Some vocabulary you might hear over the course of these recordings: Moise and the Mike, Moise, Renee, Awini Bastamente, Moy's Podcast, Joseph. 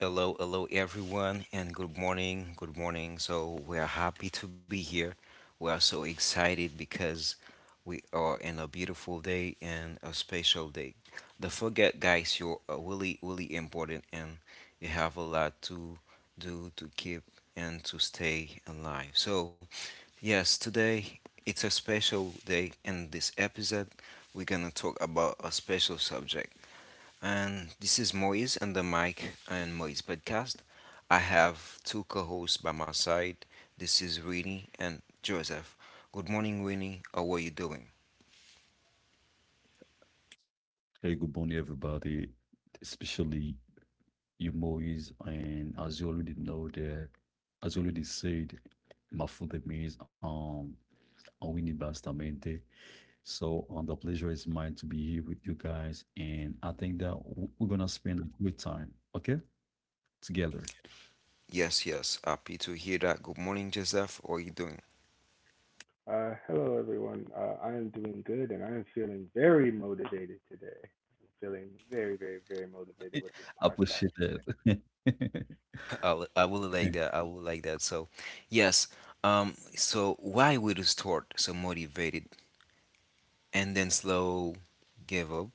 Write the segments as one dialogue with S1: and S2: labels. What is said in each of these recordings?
S1: Hello, hello everyone, and good morning. Good morning. So, we are happy to be here. We are so excited because we are in a beautiful day and a special day. Don't forget, guys, you're really, really important, and you have a lot to do to keep and to stay alive. So, yes, today it's a special day, and this episode we're gonna talk about a special subject. And this is Moise and the Mike and Moise podcast. I have two co hosts by my side. This is Winnie and Joseph. Good morning, Winnie. How are you doing?
S2: Hey, good morning, everybody, especially you, Moise. And as you already know, there, as you already said, my full name is Awini Bastamente. The pleasure is mine to be here with you guys, and I think that we're gonna spend a good time, okay, together.
S1: Yes, yes. Happy to hear that. Good morning, Joseph. How are you doing?
S3: Hello, everyone. I am doing good and I am feeling very motivated today. I'm feeling very, very, very motivated with this
S2: I
S3: podcast
S2: appreciate
S3: today.
S2: that.
S1: I will like that. I will like that. So, yes. So why we to start so motivated and then slow give up?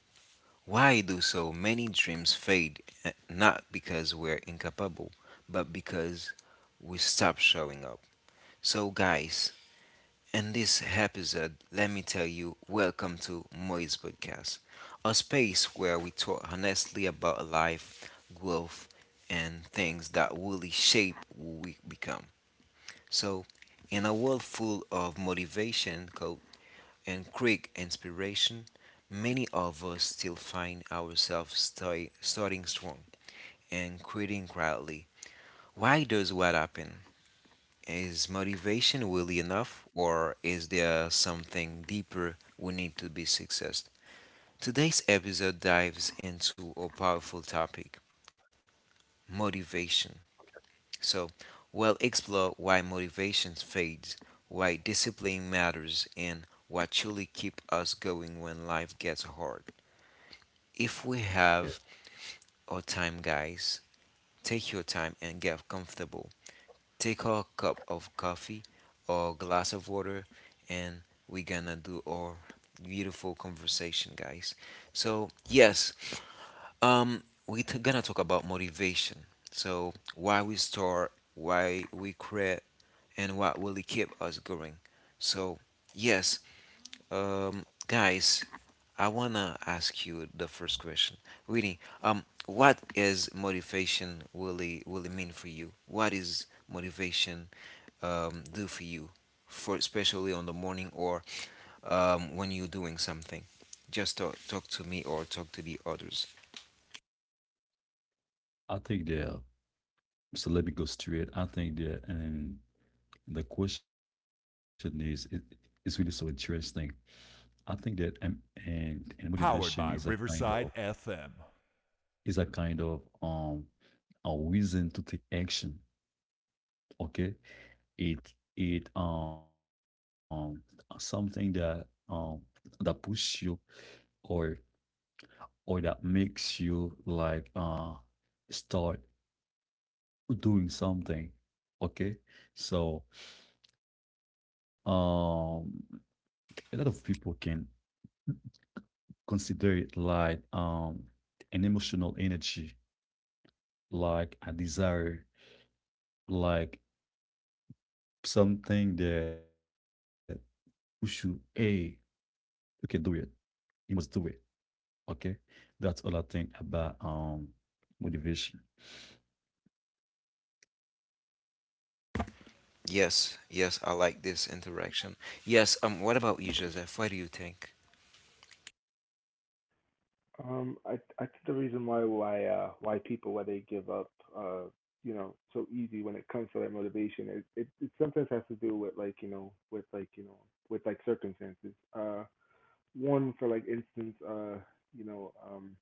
S1: Why do so many dreams fade? Not because we're incapable, but because we stop showing up. So, guys, in this episode, let me tell you welcome to Moy's Podcast, a space where we talk honestly about life, growth, and things that really shape who we become. So, in a world full of motivation, coach, and quick inspiration, many of us still find ourselves starting strong and quitting quietly. Why does what happen? Is motivation really enough, or is there something deeper we need to be successful? Today's episode dives into a powerful topic motivation. So, we'll explore why motivation fades, why discipline matters, and what truly keeps us going when life gets hard. If we
S2: Yeah,
S1: have our time, guys, take your time and get comfortable. Take a cup of coffee or glass of water, and we're gonna do our beautiful conversation, guys. So yes, gonna talk about motivation. So why we start, why we create, and what really keep us going. So yes, guys, I wanna ask you the first question. Really, what is motivation really really mean for you? What is motivation do for you, for especially on the morning or when you're doing something? Just talk, talk to me or talk to the others.
S2: I think that. So let me go straight. I think that, and The question is, it's really so interesting. I think that and motivation is a kind of is a kind of a reason to take action. Okay, it something that um that push you or or that makes you like start doing something. Okay, so um a lot of people can consider it like an emotional energy, like a desire, like something that you should. Hey, you can do it. You must do it. Okay. That's all I think about motivation.
S1: Yes, yes, I like this interaction. Yes, what about you, Joseph? What do you think?
S3: Um, I, I think the reason why people why they give up uh, you know so easy when it comes to that motivation, it sometimes has to do with like you know with like you know with like circumstances. One for instance, you know um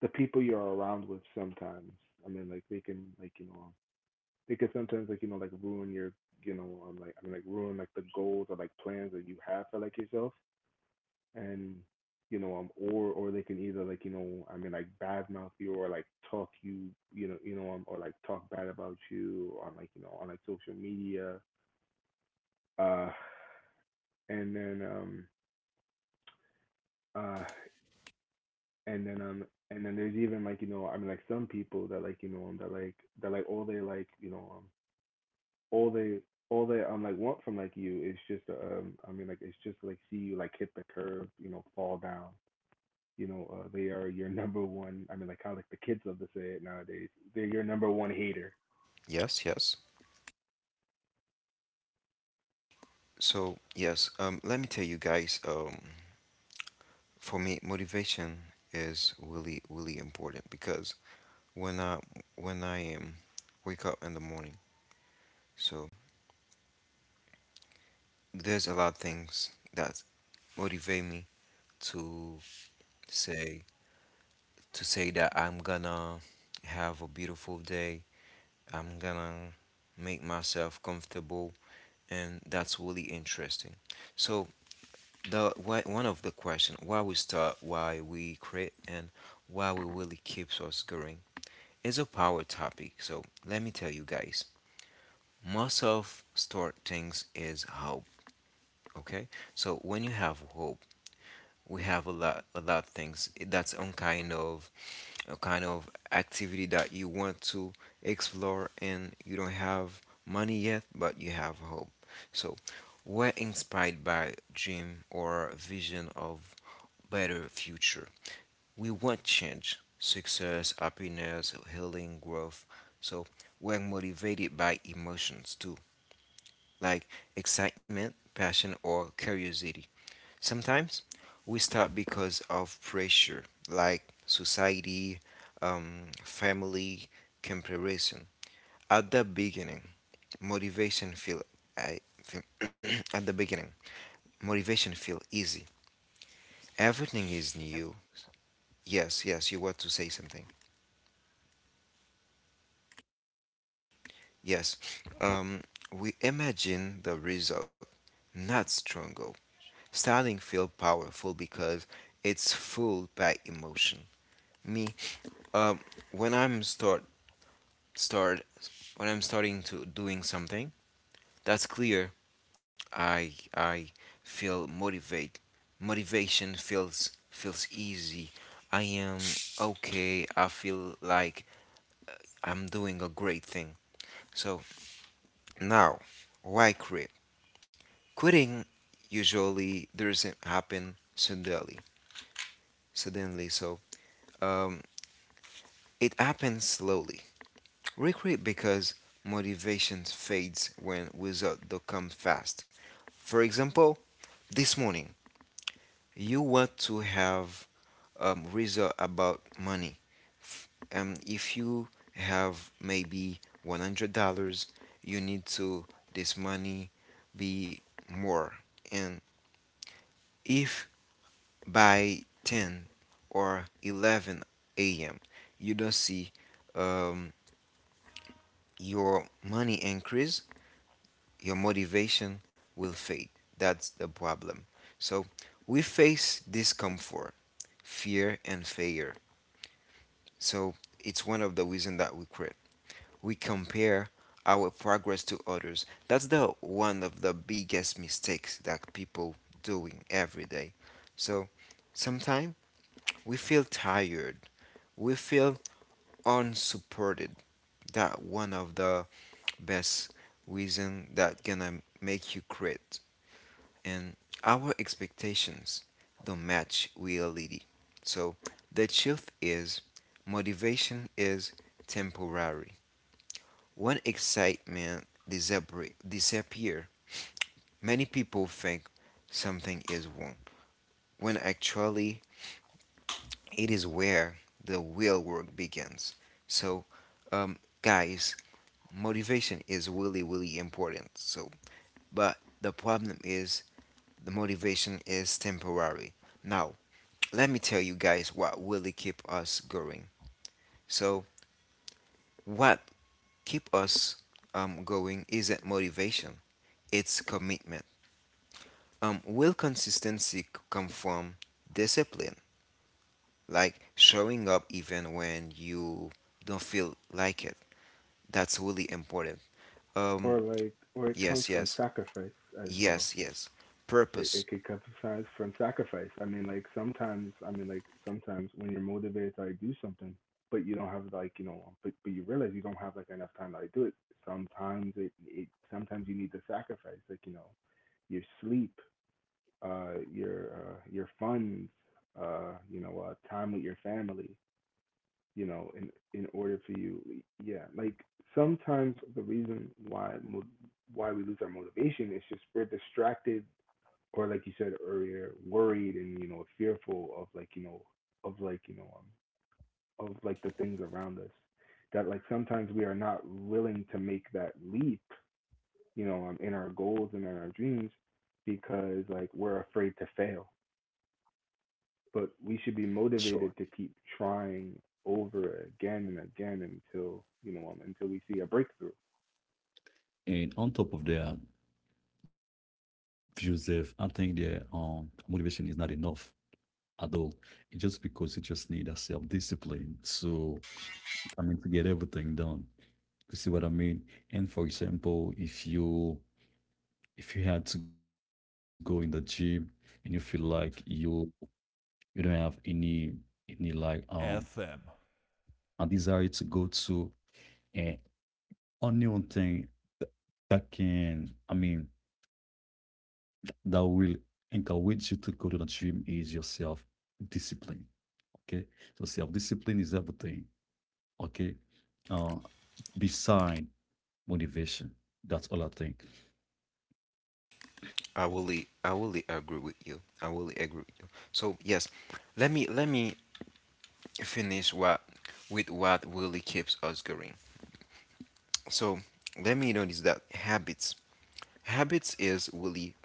S3: the people you're around with sometimes. I mean, like they can, like, you know, it could sometimes, like, you know, like ruin your, like, I mean, like ruin like the goals or like plans that you have for like yourself, and or they can either, like, you know, I mean, like badmouth you or like talk you, you know or like talk bad about you on, like, you know, on like social media. uh and then um uh and then um and then there's even, like, you know, I mean, like some people that, all they, all they all they, like, want from like you is just, I mean, like it's just like see you like hit the curb, you know, fall down. You know, they are your number one. I mean, like how like the kids love to say it nowadays. They're your number one hater,
S1: Yes, yes. So, yes, let me tell you guys. For me motivation is really really important because when i when I wake up in the morning so there's a lot of things that motivate me to say to say that I'm gonna have a beautiful day, I'm gonna make myself comfortable, and that's really interesting. So the why, one of the question why we start, why we create, and why we really keeps us going is a power topic. So let me tell you guys, most of store things is hope. Okay, so when you have hope, we have a lot of things. That's on kind of a kind of activity that you want to explore, and you don't have money yet, but you have hope. So we're inspired by dream or vision of better future. We want change, success, happiness, healing, growth. So we're motivated by emotions too, like excitement, passion, or curiosity. Sometimes we stop because of pressure, like society, family, comparison. At the beginning, motivation feel I feel at the beginning, motivation feel easy. Everything
S2: Yes.
S1: is new. Yes, yes, you want to say something. Yes, um, we imagine the result, not struggle. Styling feel powerful because it's full by emotion. Me, um, when I'm start start when I'm starting to doing something that's clear, I feel motivate. Motivation feels easy. I am okay. I feel like I'm doing a great thing. So now, why create? Quitting usually doesn't happen suddenly. Suddenly, so um, it happens slowly. Regret because motivation fades when results don't come fast. For example, this morning you want to have result about money. If you have maybe $100, you need to this money be more. And if by 10 or 11 a.m. you don't see um, your money increase, your motivation will fade. That's the problem. So we face discomfort, fear, and failure. So it's one of the reasons that we quit. We compare our progress to others. That's the one of the biggest mistakes that people doing every day. So sometimes we feel tired. We feel unsupported, that one of the best reason that gonna make you quit. And our expectations don't match reality. So the truth is motivation is temporary. When excitement disappear, many people think something is wrong when actually it is where the real work begins. So guys, motivation is really really important, so but the problem is the motivation is temporary. Now let me tell you guys what really keep us going. So what keep us going isn't motivation, it's commitment, will consistency come from discipline, like showing up even when you don't feel like it. That's really important. um
S3: or like, or it comes
S1: yes
S3: from
S1: yes
S3: sacrifice as well.
S1: yes yes
S3: it,
S1: Purpose.
S3: it could come from sacrifice. I mean, like sometimes, I mean, like sometimes when you're motivated to like do something, but you don't have, like, you know, but you realize you don't have like enough time to like do it. Sometimes you need to sacrifice, like, you know, your sleep, your funds, you know, time with your family, you know, in order for you, yeah. Like sometimes the reason why we lose our motivation is just we're distracted, or like you said earlier, worried and you know fearful of, of like you know of like, the things around us. That like sometimes we are not willing to make that leap, you know, in our goals and in our dreams, because like we're afraid to fail. But we should be
S2: Sure.
S3: motivated to keep trying over again and again until until we see a breakthrough.
S2: And on top of that, Joseph, I think that motivation is not enough at all. It's just because you just need a self-discipline. So I mean, to get everything done. You see what I mean? And for example, if you had to go in the gym and you feel like you don't have any like a desire to go to, and only one thing that, that can, I mean, that will encourage you to go to the gym is your self discipline. Okay. So self discipline is everything. Okay. Uh Beside motivation. That's all I think.
S1: I will I will agree with you. I will agree with you. So yes, let me finish what with what really keeps us going. So let me notice that habits is really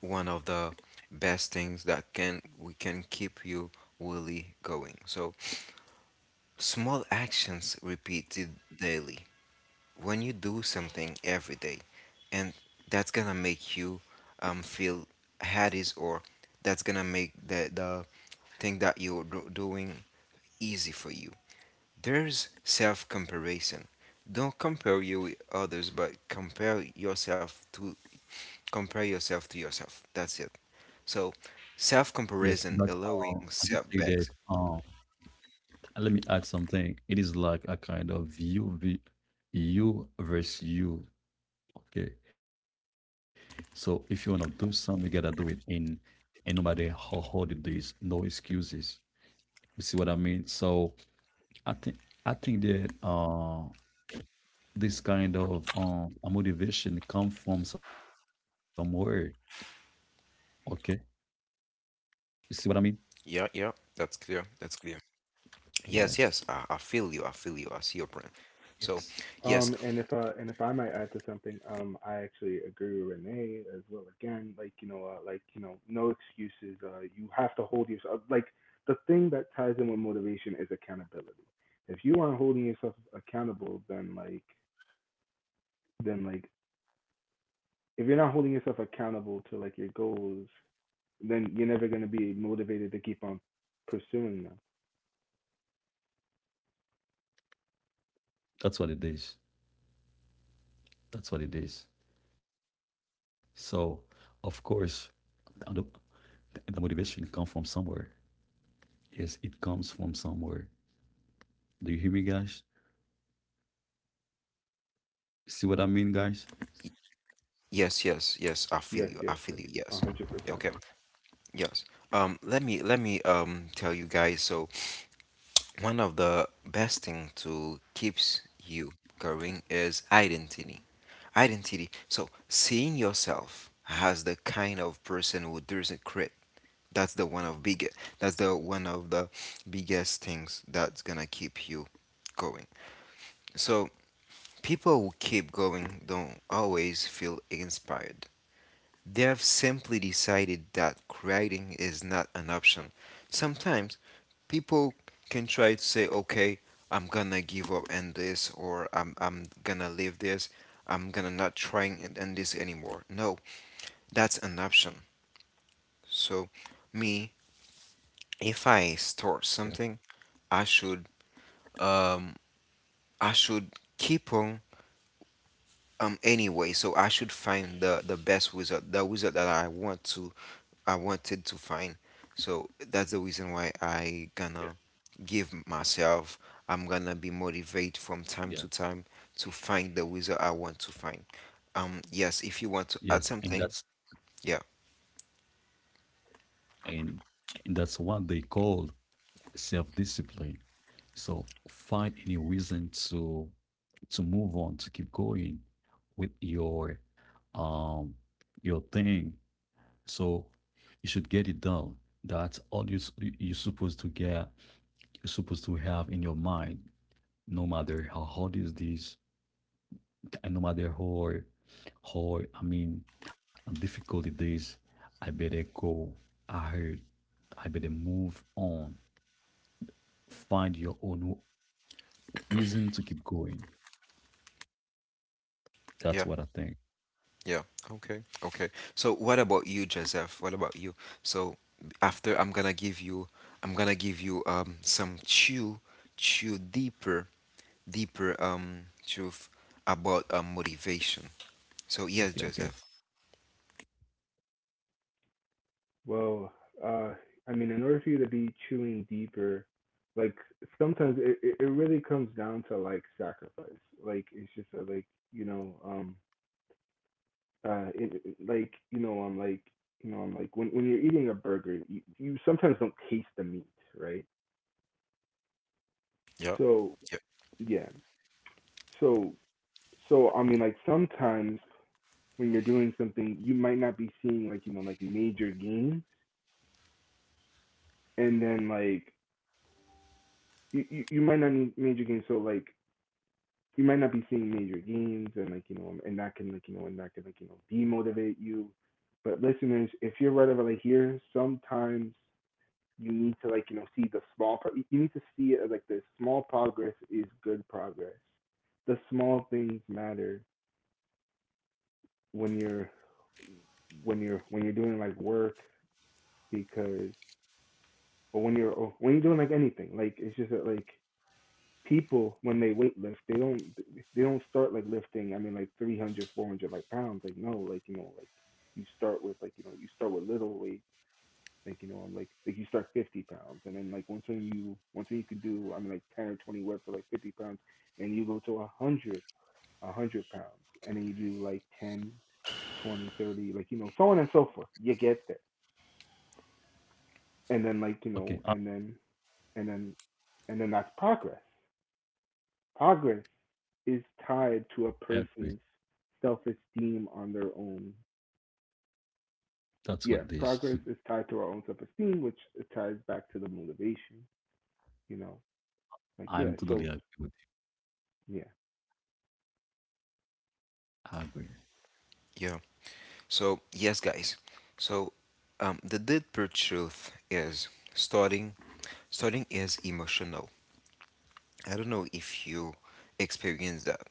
S1: one of the best things that can we can keep you really going. So small actions repeated daily, when you do something every day, and that's gonna make you feel happy, or that's gonna make the thing that you're doing easy for you. There's self comparison. Don't compare you with others, but compare yourself to yourself. That's it. So self
S2: Yes, but
S1: comparison allowing
S2: I just say that,
S1: setbacks.
S2: and let me add something. It is like a kind of you versus you. Okay. So if you want to do something, you gotta do it in, and no matter how hard it is, no excuses. You see what I mean? So I think I think that this kind of a motivation come from somewhere. Okay. You see what I mean?
S1: Yeah yeah that's clear
S2: Yes.
S1: Yes, yes, I feel you, I feel you, I see your point. So
S2: Yes.
S1: yes.
S3: And if and if I might add to something, I actually agree with Renee as well. Again, like you know, no excuses. You have to hold yourself. Like the thing that ties in with motivation is accountability. If you aren't holding yourself accountable, then like, if you're not holding yourself accountable to like your goals, then you're never gonna be motivated to keep on pursuing them.
S2: That's what it is. That's what it is. So of course, I don't. And the motivation comes from somewhere. Yes, it comes from somewhere. Do you hear me, guys? See what I mean, guys?
S1: Yes, yes, yes. I feel you.
S3: Yes,
S1: I
S3: yes,
S1: feel you.
S3: yes,
S1: Yes.
S3: a hundred
S1: Yeah, okay.
S3: percent.
S1: Yes. Let me tell you guys. So one of the best thing to keeps you going is identity. Identity. So seeing yourself as the kind of person who doesn't quit. That's the one of biggest. That's the one of the biggest things that's gonna keep you going. So people who keep going don't always feel inspired. They have simply decided that creating is not an option. Sometimes people can try to say, okay, I'm gonna give up on this, or I'm gonna leave this, I'm gonna not trying it and this anymore. No, that's an option. So, me,
S2: Yeah.
S1: if I start something, I should, um, I should keep on anyway. So I should find the best wizard, the wizard that I wanted to find. So that's the reason why I gonna give myself, I'm gonna be
S2: Yes.
S1: motivated from time to time to find the wizard I want to find. Yes,
S2: Yes,
S1: if you want to add something. yeah
S2: and, and that's what they call self-discipline. So find any reason to move on, to keep going with um your thing. So you should get it done. That's all you you're supposed to get. You're supposed to have in your mind, no matter how hard is this, and no matter how, I mean, difficult it is, I better go ahead. I better move on. Find your own reason to keep going.
S1: yeah
S2: That's what I think.
S1: yeah okay, okay. So what about you, Joseph? What about you? So after I'm gonna give you, some chew deeper, deeper truth about motivation. So yes,
S2: Okay, okay,
S1: Joseph.
S3: Well, uh, I mean, in order for you to be chewing deeper, like sometimes it really comes down to like sacrifice. Like it's just like, you know, like you know, I'm like when you're eating a burger, you sometimes don't taste the meat, right?
S1: Yeah.
S3: So
S1: Yeah.
S3: yeah, so so I mean, like sometimes when you're doing something, you might not be seeing like you know like major gains, and then like you might not need major gains. So like you might not be seeing major gains and, like, you know, and that can, like, you know, demotivate you. But listeners, if you're right over like here sometimes you need to, like, you know, see the small pro- you need to see it as like the small progress is good progress. The small things matter when you're, when you're doing like work, because, or when you're, doing like anything. Like it's just that like people when they weight lift, they don't, start like lifting, I mean like 300, 400 like pounds, like no, like, you know, like you start with, like, you know, you start with little weight. Like, you know, I'm like you start 50 pounds, and then like once when you, once when you could do, I mean, like 10 or 20 reps of like 50 pounds, and you go to 100, 100 pounds, and then you do like 10, 20, 30, like, you know, so on and so forth, you get there. And then like you know
S2: okay.
S3: and then and then and then that's progress. Progress is tied to a person's
S2: I agree.
S3: self-esteem on their own.
S2: That's what it
S3: Yeah,
S2: is.
S3: progress is tied to our own self-esteem, which ties back to the motivation. You know, like yeah. So
S2: I'm totally agree with
S3: yeah,
S2: you. I agree.
S1: Yeah. So yes, guys. So the deeper truth is starting. Starting is emotional. I don't know if you experience that.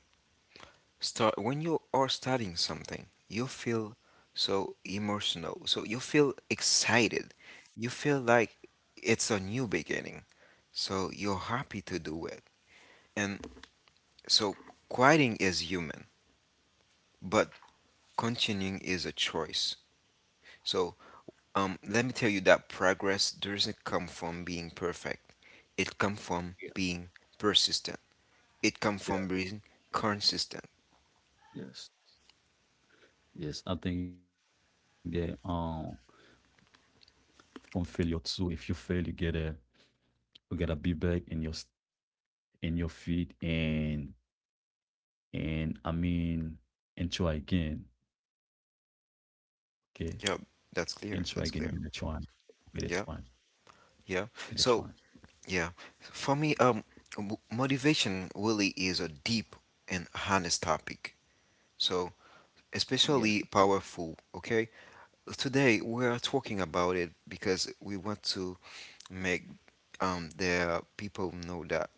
S1: Start when you are starting something, you feel so emotional. So you feel excited. You feel like it's a new beginning. So you're happy to do it. And so quitting is human, but continuing is a choice. So let me tell you that progress doesn't come from being perfect. It comes from being
S2: Yeah,
S1: persistent. It comes from being
S2: yeah,
S1: consistent.
S2: yes, yes. I think that from failure too. If you fail, you get a, you get a be back in your in your feet. And I mean, and again. Okay. And
S1: Yeah,
S2: again. You're
S1: that's
S2: gonna
S1: clear.
S2: try.
S1: That's clear.
S2: You're going try.
S1: Yeah,
S2: You
S1: yeah.
S2: try.
S1: So yeah, for me, motivation really is a deep and honest topic. So especially
S2: Yes.
S1: powerful. Okay, today we are talking about it because we want to make the people know that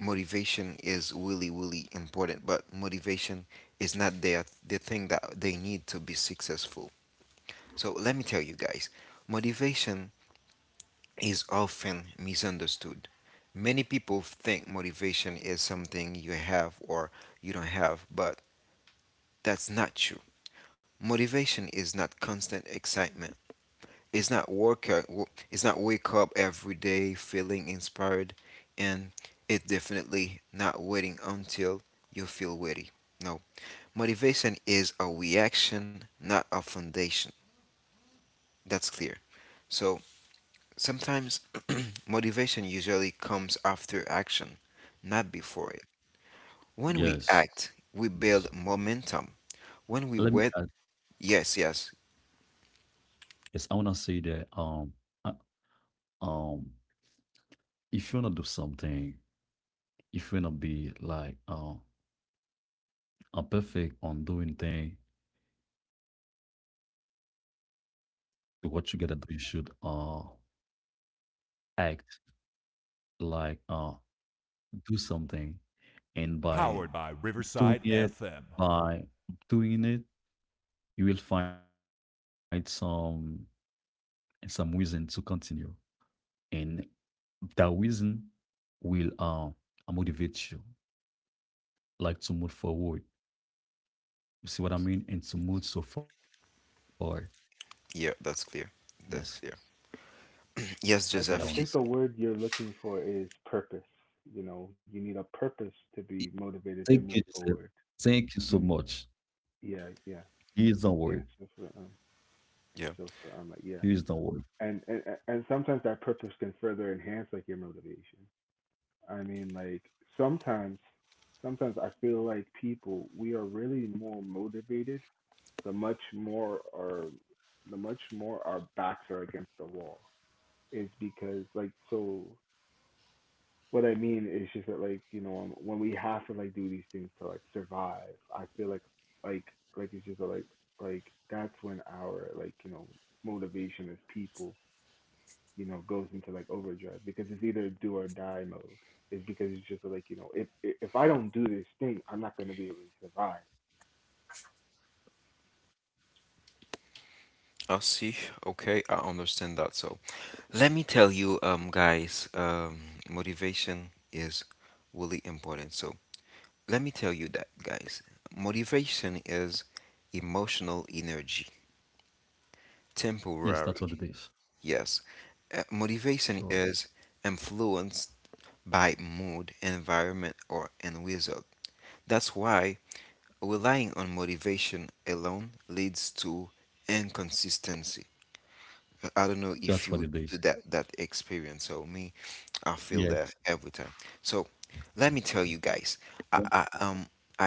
S1: motivation is really really important, but motivation is not the thing that they need to be successful. So let me tell you guys, motivation is often misunderstood. Many people think motivation is something you have or you don't have, but that's not true. Motivation is not constant excitement. It's not work. It's not wake up every day feeling inspired, and it's definitely not waiting until you feel ready. No, motivation is a reaction, not a foundation. That's clear. So sometimes motivation usually comes after action, not before it. When we
S2: Yes.
S1: act, we
S2: Yes.
S1: build momentum. When we
S2: Let me,
S1: wait, yes, yes,
S2: yes, I wanna say that uh, um if you wanna do something, if you wanna be like, a perfect on doing thing, what you gotta do, you should act, like do something. And by doing it by doing it, you will find some, and some reason to continue. And that reason will, motivate you, like to move forward. You see what I mean? And to move so far.
S1: yeah, that's
S2: Yes,
S1: clear. That's clear.
S2: that's what I want to
S1: Yes,
S2: say.
S3: I
S1: Joseph.
S3: think the word you're looking for is purpose. You know, you need a purpose to be motivated
S2: Thank
S3: to
S2: you,
S3: move
S2: Joseph.
S3: forward.
S2: Thank you so
S3: You
S2: much.
S3: yeah yeah
S2: He is the
S3: yeah.
S2: word.
S3: So for
S1: Yeah.
S2: He is
S3: so
S2: the
S3: for
S2: word.
S3: like yeah. And, and sometimes that purpose can further enhance like your motivation. I mean, like sometimes, sometimes I feel like people we are really more motivated the much more our the much more our backs are against the wall. Is because like so what I mean is just that like you know, when we have to like do these things to like survive, I feel like, like like it's just like that's when our, like, you know, motivation as people, you know, goes into like overdrive because it's either do or die mode. It's because it's just like, you know, if I don't do this thing, I'm not gonna be able to survive.
S1: I see. Okay, I understand that. So, let me tell you, guys, motivation is really important. So, let me tell you that, guys, motivation is emotional energy,
S2: Yes, that's what it is.
S1: temporary. Yes,
S2: Sure.
S1: motivation is influenced by mood, environment, or end result. That's why relying on motivation alone leads to inconsistency.
S2: That's
S1: I
S2: what
S1: don't
S2: it
S1: know
S2: is.
S1: if you do that experience. So me, I
S2: Yes.
S1: feel that every time. So let me tell you guys.
S2: Yes.
S1: I, I um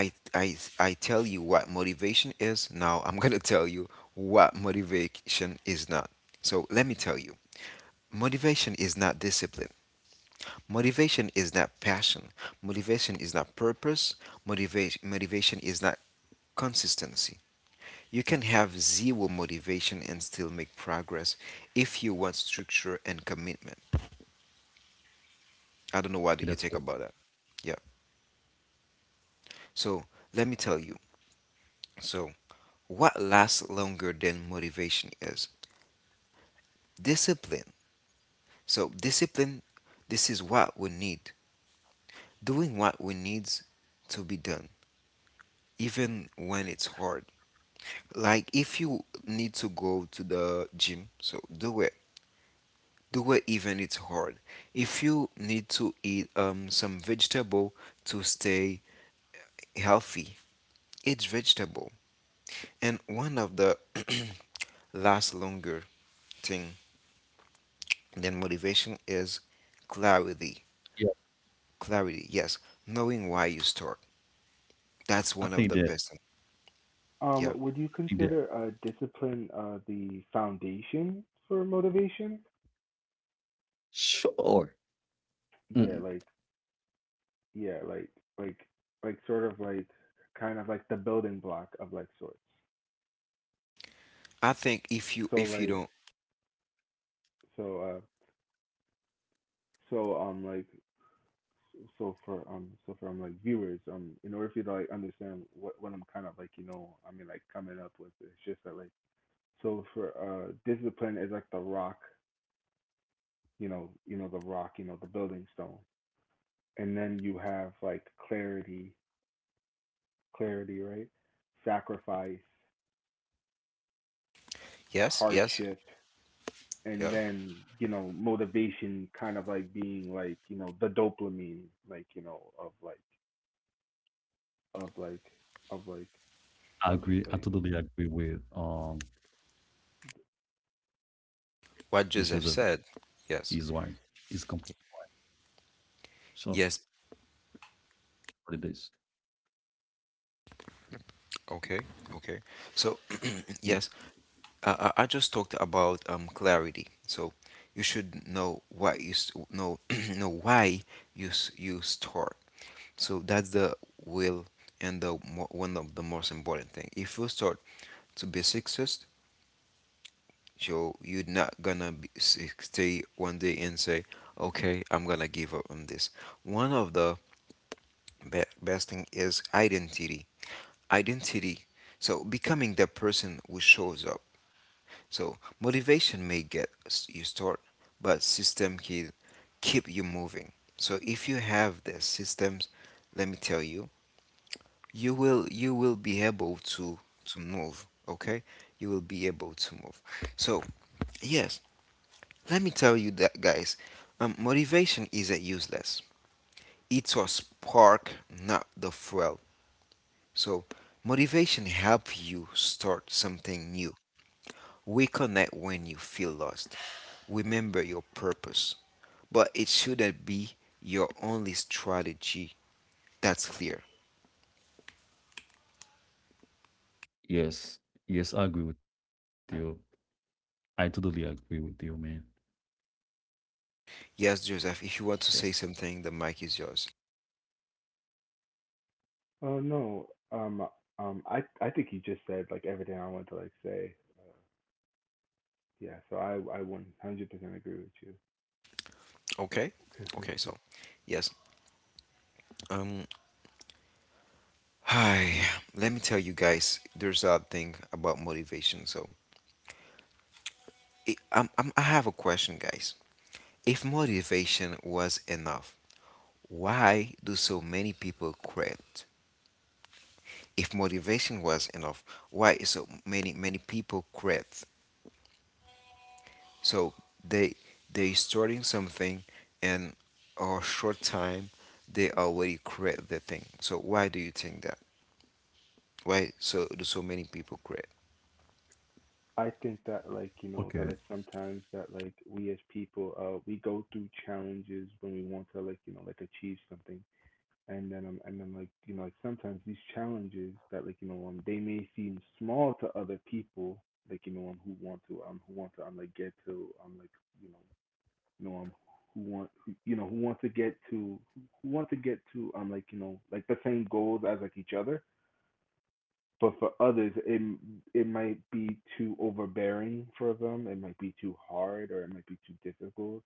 S1: I tell you what motivation is. Now I'm gonna tell you what motivation is not. So let me tell you. Motivation is not discipline. Motivation is not passion. Motivation is not purpose. Motivation is not consistency. You can have zero motivation and still make progress if you want structure and commitment. I don't know what
S2: Okay,
S1: do you
S2: that's
S1: think
S2: what.
S1: about that. Yeah. So let me tell you. So what lasts longer than motivation is discipline. So discipline, this is what we need. Doing what we need to be done, even when it's hard. Like if you need to go to the gym, so do it. Do it even it's hard. If you need to eat some vegetable to stay healthy, eat vegetable. And one of the last longer thing than motivation is clarity.
S2: Yeah,
S1: Clarity, yes, knowing why you start. That's one of the best
S2: I
S1: thing. Yeah,
S3: Would you
S2: think that.
S3: consider discipline the foundation for motivation?
S2: Sure. Mm,
S3: Yeah, like yeah, like like sort of like, kind of like the building block of like sorts.
S1: I think if you
S3: So
S1: if you
S3: like
S1: don't,
S3: so uh so like so for so for like viewers, in order for you to like understand what I'm kind of like, you know, I mean, like coming up with, it's just that like, so for discipline is like the rock, you know, the rock, you know, the building stone. And then you have like clarity, right? Sacrifice,
S1: yes, yes,
S3: hardship,
S1: yeah.
S3: and then, you know, motivation kind of like being like, you know, the dopamine, like, you know, of like of like of like
S2: I
S3: of just
S2: agree. I
S3: like
S2: totally agree with Joseph. Is why
S1: What Joseph
S2: is
S1: said,
S2: complete
S1: yes,
S2: So
S1: yes.
S2: what it is.
S1: Okay, okay. So
S2: Yes.
S1: yes, I just talked about clarity. So you should know know why you start. So that's the will and the one of the most important thing. If you start to be success, so you're not gonna be, stay one day and say, "Okay, I'm gonna give up on this." One of the best thing is identity. Identity. So becoming the person who shows up. So motivation may get you started, but system can keep you moving. So if you have the systems, let me tell you, you will be able to move. Okay, you will be able to move. So yes, let me tell you that, guys. Motivation isn't useless. It's a spark, not the fuel. So motivation help you start something new. We connect when you feel lost. Remember your purpose, but it shouldn't be your only strategy. That's clear.
S2: Yes, yes, I agree with you. I totally agree with you, man.
S1: Yes, Joseph, if you want
S2: Yes.
S1: to say something, the mic is yours.
S3: Oh no, um, I think you just said like everything I want to like say. Yeah, so I 100% agree with you.
S1: Okay? Okay, so yes. Um Hi. Let me tell you guys, there's a thing about motivation. So, I have a question, guys. If motivation was enough, why do so many people quit? If motivation was enough, why so many people quit? So they they starting something and a short time they already create the thing. So why do you think that? Why so do so many people create?
S3: I think that,
S2: Okay,
S3: like, you know, that like sometimes that like we as people we go through challenges when we want to like you know like achieve something. And then like, you know, like sometimes these challenges that, like, you know, they may seem small to other people, like, you know, who want to, like get to like, you know, Norm, you know, who want to get to who want to get to like, you know, like the same goals as like each other, but for others, it might be too overbearing for them. It might be too hard, or it might be too difficult,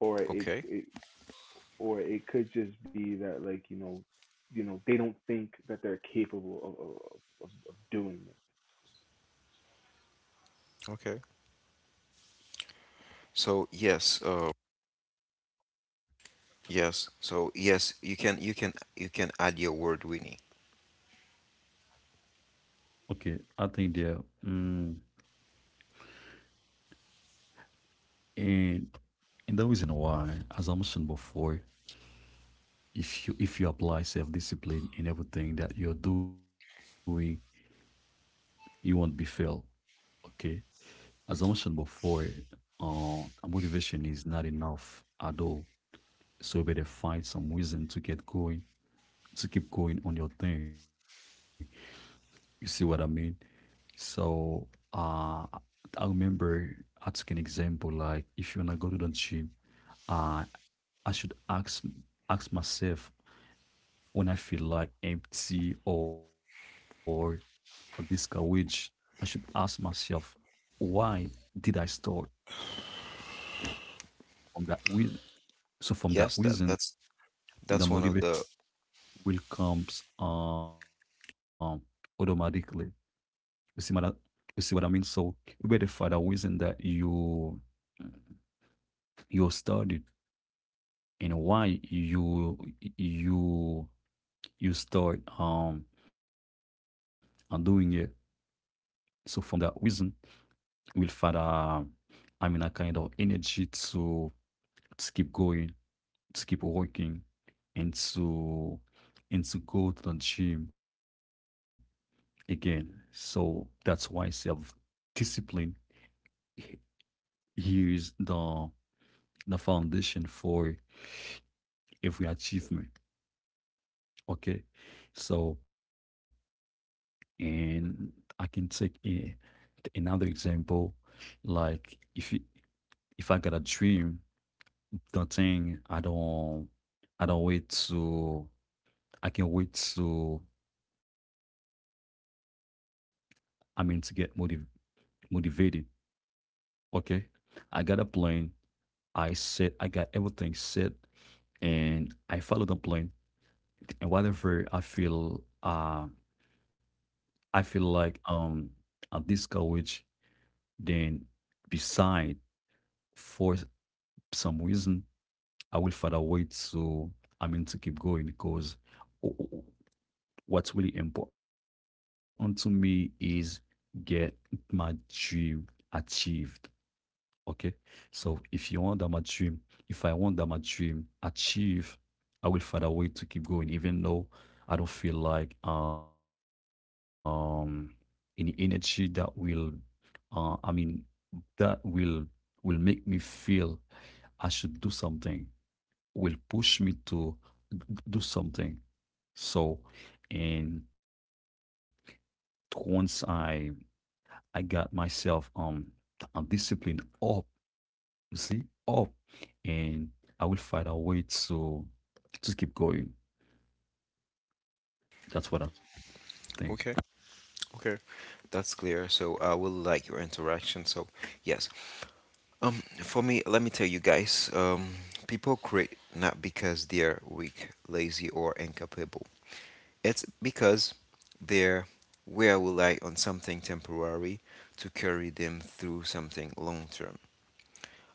S3: or it,
S1: Okay.
S3: it or it could just be that, like, you know, you know, they don't think that they're capable of doing it.
S1: Okay. So yes, yes. So yes, you can add your word Winnie.
S2: okay. I think there, mm, and and the reason why, as I mentioned before, if you apply self-discipline in everything that you're doing, you won't be failed. Okay. As I mentioned before, motivation is not enough at all. So you better find some reason to get going, to keep going on your thing. You see what I mean? So uh I remember I took an example, like if you wanna go to the gym, uh I should ask myself, when I feel like empty or discouraged, I should ask myself, why did I start from that with? So from that
S1: Yes, that
S2: reason,
S1: that's
S2: and
S1: that's
S2: the
S1: one of the
S2: motivation will comes automatically. You see, mother. You see what I mean? So where the father reason that you started and why you you you start doing it. So from that reason, you will find, I mean, a kind of energy to keep going, to keep working, and to go to the gym again. So that's why self discipline here is the foundation for every achievement. Okay. So, and I can take a, another example. Like if you, if I got a dream, the thing I don't wait to, I can wait to, I mean, to get motivated. Okay. I got a plan. I got everything set and I follow the plan. And whatever I feel, I feel like at this college, then beside for some reason, I will find a way to, I mean, to keep going, because o- o- what's really important to me is get my dream achieved. Okay. So if you want that my dream, if I want that my dream achieved, I will find a way to keep going, even though I don't feel like any energy that will, I mean, that will make me feel I should do something, will push me to d- do something. So, and once I got myself disciplined up, you see, up, and I will find a way to keep going. That's what I think.
S1: Okay. Okay, that's clear. So I will like your interaction. So yes, Um, for me, let me tell you guys, people quit not because they're weak, lazy, or incapable. It's because they're will rely on something temporary to carry them through something long term.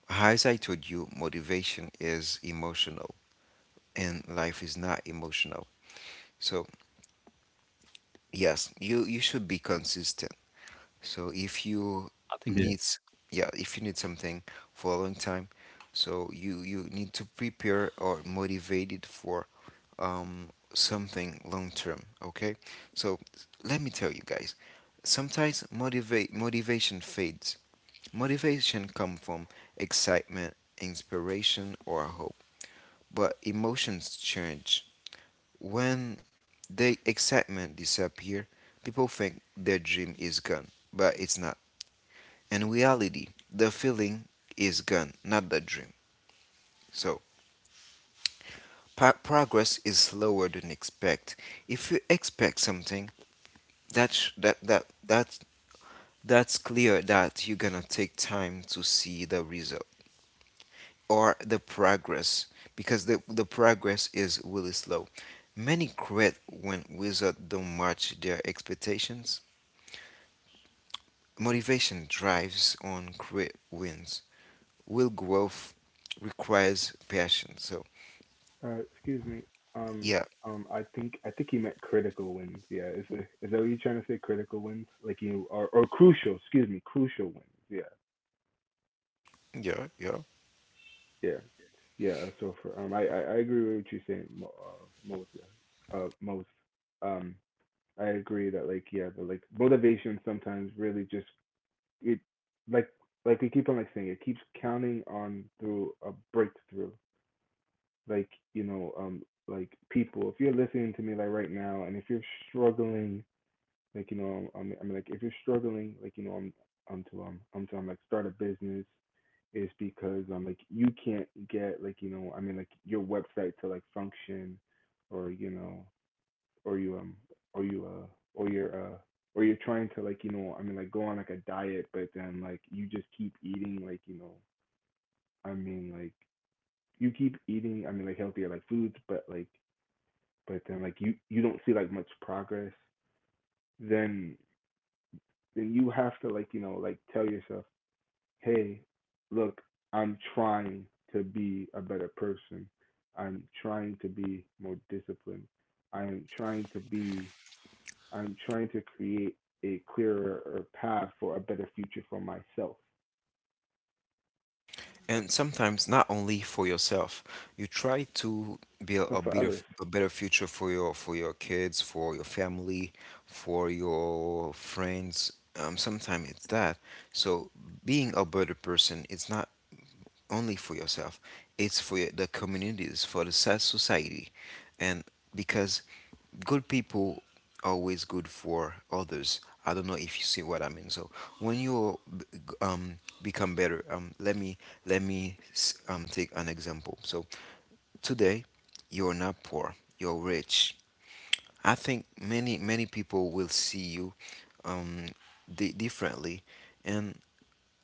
S1: As I told you, motivation is emotional, and life is not emotional. So yes, you should be consistent. So if
S2: I
S1: you
S2: think that
S1: need, s- yeah, if you need something for a long time, so you need to prepare or motivated for something long term. Okay, so let me tell you guys, sometimes motivate motivation fades. Motivation come from excitement, inspiration, or hope, but emotions change when the excitement disappear. People think their dream is gone, but it's not. In reality, the feeling is gone, not the dream. So, progress is slower than expect. If you expect something, that that's clear that you're gonna take time to see the result or the progress because the progress is really slow. Many quit when wizards don't match their expectations. Motivation drives on great wins. Will growth requires passion. So
S3: Excuse me. Um,
S1: yeah,
S3: I think I think he meant critical wins. Yeah, is that what you're trying to say? Critical wins, like you, or crucial. Excuse me, crucial wins. Yeah,
S1: Yeah, yeah.
S3: yeah, yeah. So for I agree with what you're saying, most. Yeah, most. Um, I agree that like yeah, the like motivation sometimes really just it like like we keep on like saying it keeps counting on through a breakthrough, like, you know, like people, if you're listening to me like right now, and if you're struggling, like, you know, I'm like, if you're struggling, like, you know, I'm like start a business, is because, like, you can't get like you know I mean like your website to like function, or you know, or you or you or you're uh or you're trying to like you know I mean like go on like a diet, but then like you just keep eating like you know, i mean like you keep eating, I mean, like healthier like foods, but like, but then like you don't see like much progress. Then, you have to, like, you know, like tell yourself, hey, look, I'm trying to be a better person. I'm trying to be more disciplined. I'm trying to be I'm trying to create a clearer path for a better future for myself,
S1: And sometimes not only for yourself, you try to build
S3: but for others,
S1: a better future for your kids, for your family, for your friends. Sometimes it's that. So being a better person, it's not only for yourself. It's for the communities, for the society, and because good people always good for others. I don't know if you see what I mean. So when you become better, let me let me take an example. So today you're not poor, you're rich. I think many many people will see you um, differently, and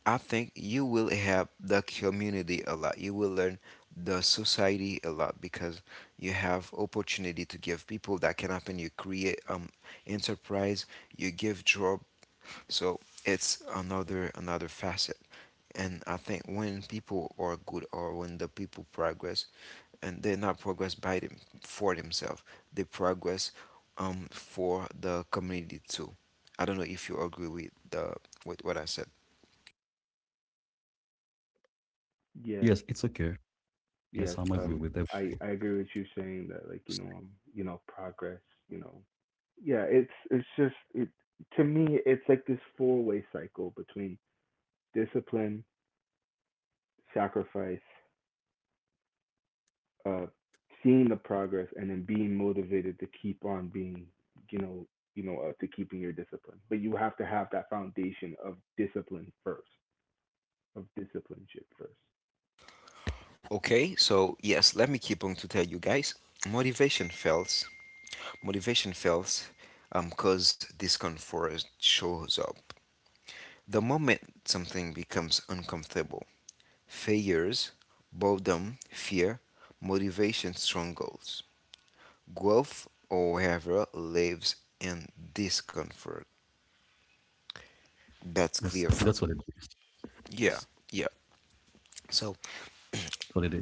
S1: I think you will help the community a lot. You will learn the society a lot because you have opportunity to give people that can happen. You create enterprise, you give job. So it's another another facet. And I think when people are good or when the people progress, and they not progress by them for themselves, they progress for the community too. I don't know if you agree with the with what I said.
S3: yeah.
S2: yes, it's okay.
S3: Yes,
S2: Yes, I'm
S3: um,
S2: agree with
S3: I I
S2: everything.
S3: agree with you saying that, like, you know, progress, you know, yeah, it's just it to me, it's like this four-way cycle between discipline, sacrifice, uh, seeing the progress, and then being motivated to keep on being, you know, to keeping your discipline. But you have to have that foundation of discipline first, of discipleship first.
S1: Okay, so yes, let me keep on to tell you guys. Motivation fails. Motivation fails because discomfort shows up. The moment something becomes uncomfortable, failures, boredom, fear, motivation strongholds. Growth, however, lives in discomfort.
S2: Yes, and
S1: That's
S2: that's what
S1: clear
S2: it
S1: for me.
S2: is. Yes,
S1: Yeah, yeah. So
S2: that's what it is.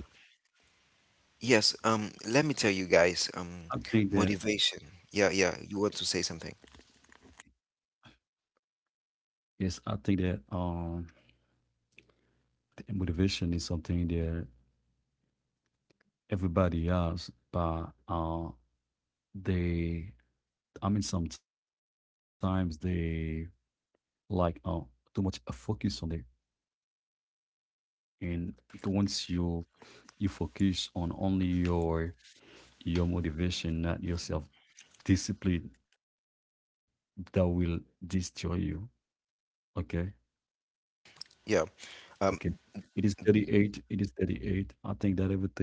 S1: yes, let me tell you guys,
S2: I think that
S1: motivation. Yeah, yeah. You want to say something?
S2: yes, I think that the motivation is something that everybody has, but they, I mean, sometimes they like, too much focus on it, and once you you focus on only your motivation, not yourself discipline, that will destroy you. Okay.
S1: Yeah.
S2: Okay.
S1: Um,
S2: It is 38. It is 38. I think that everything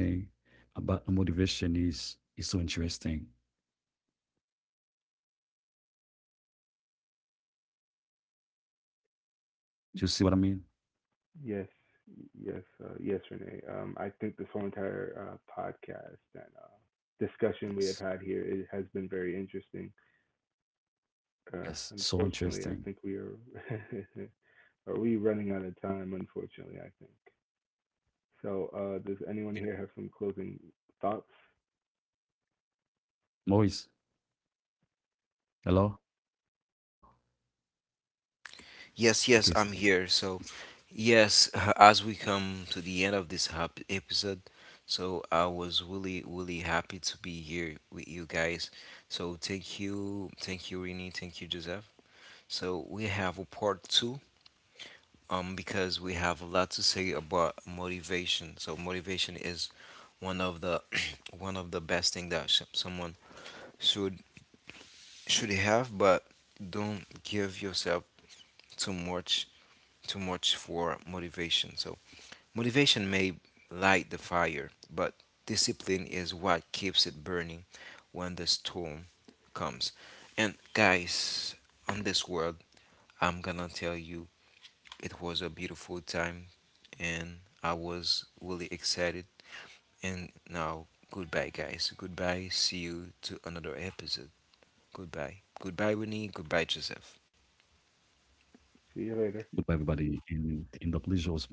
S2: about motivation is so interesting. Do you see what I mean?
S3: Yes, yes, yes, Renee. I think this whole entire podcast and
S2: Yes.
S3: discussion we have had here, it has been very interesting.
S2: Yes. So interesting.
S3: Unfortunately, I think we are are we running out of time. Unfortunately, I think. So, does anyone here have some closing thoughts?
S2: Moise, hello? Okay. s-
S1: yes, yes, I'm
S2: s-
S1: here. So, yes, as we come to the end of this episode, so I was really, really happy to be here with you guys. So, thank you, Rini, thank you, Joseph. So, we have a part two, because we have a lot to say about motivation. So, motivation is one of the one of the best thing that someone should should have, but don't give yourself too much too much for motivation. So motivation may light the fire, but discipline is what keeps it burning when the storm comes. And guys, on this world, I'm gonna tell you it was a beautiful time and I was really excited. And now, goodbye, guys. Goodbye. See you to another episode. Goodbye. Goodbye, Winnie. Goodbye, Joseph.
S2: Goodbye,
S3: See you later.
S2: everybody. And the pleasure was mine.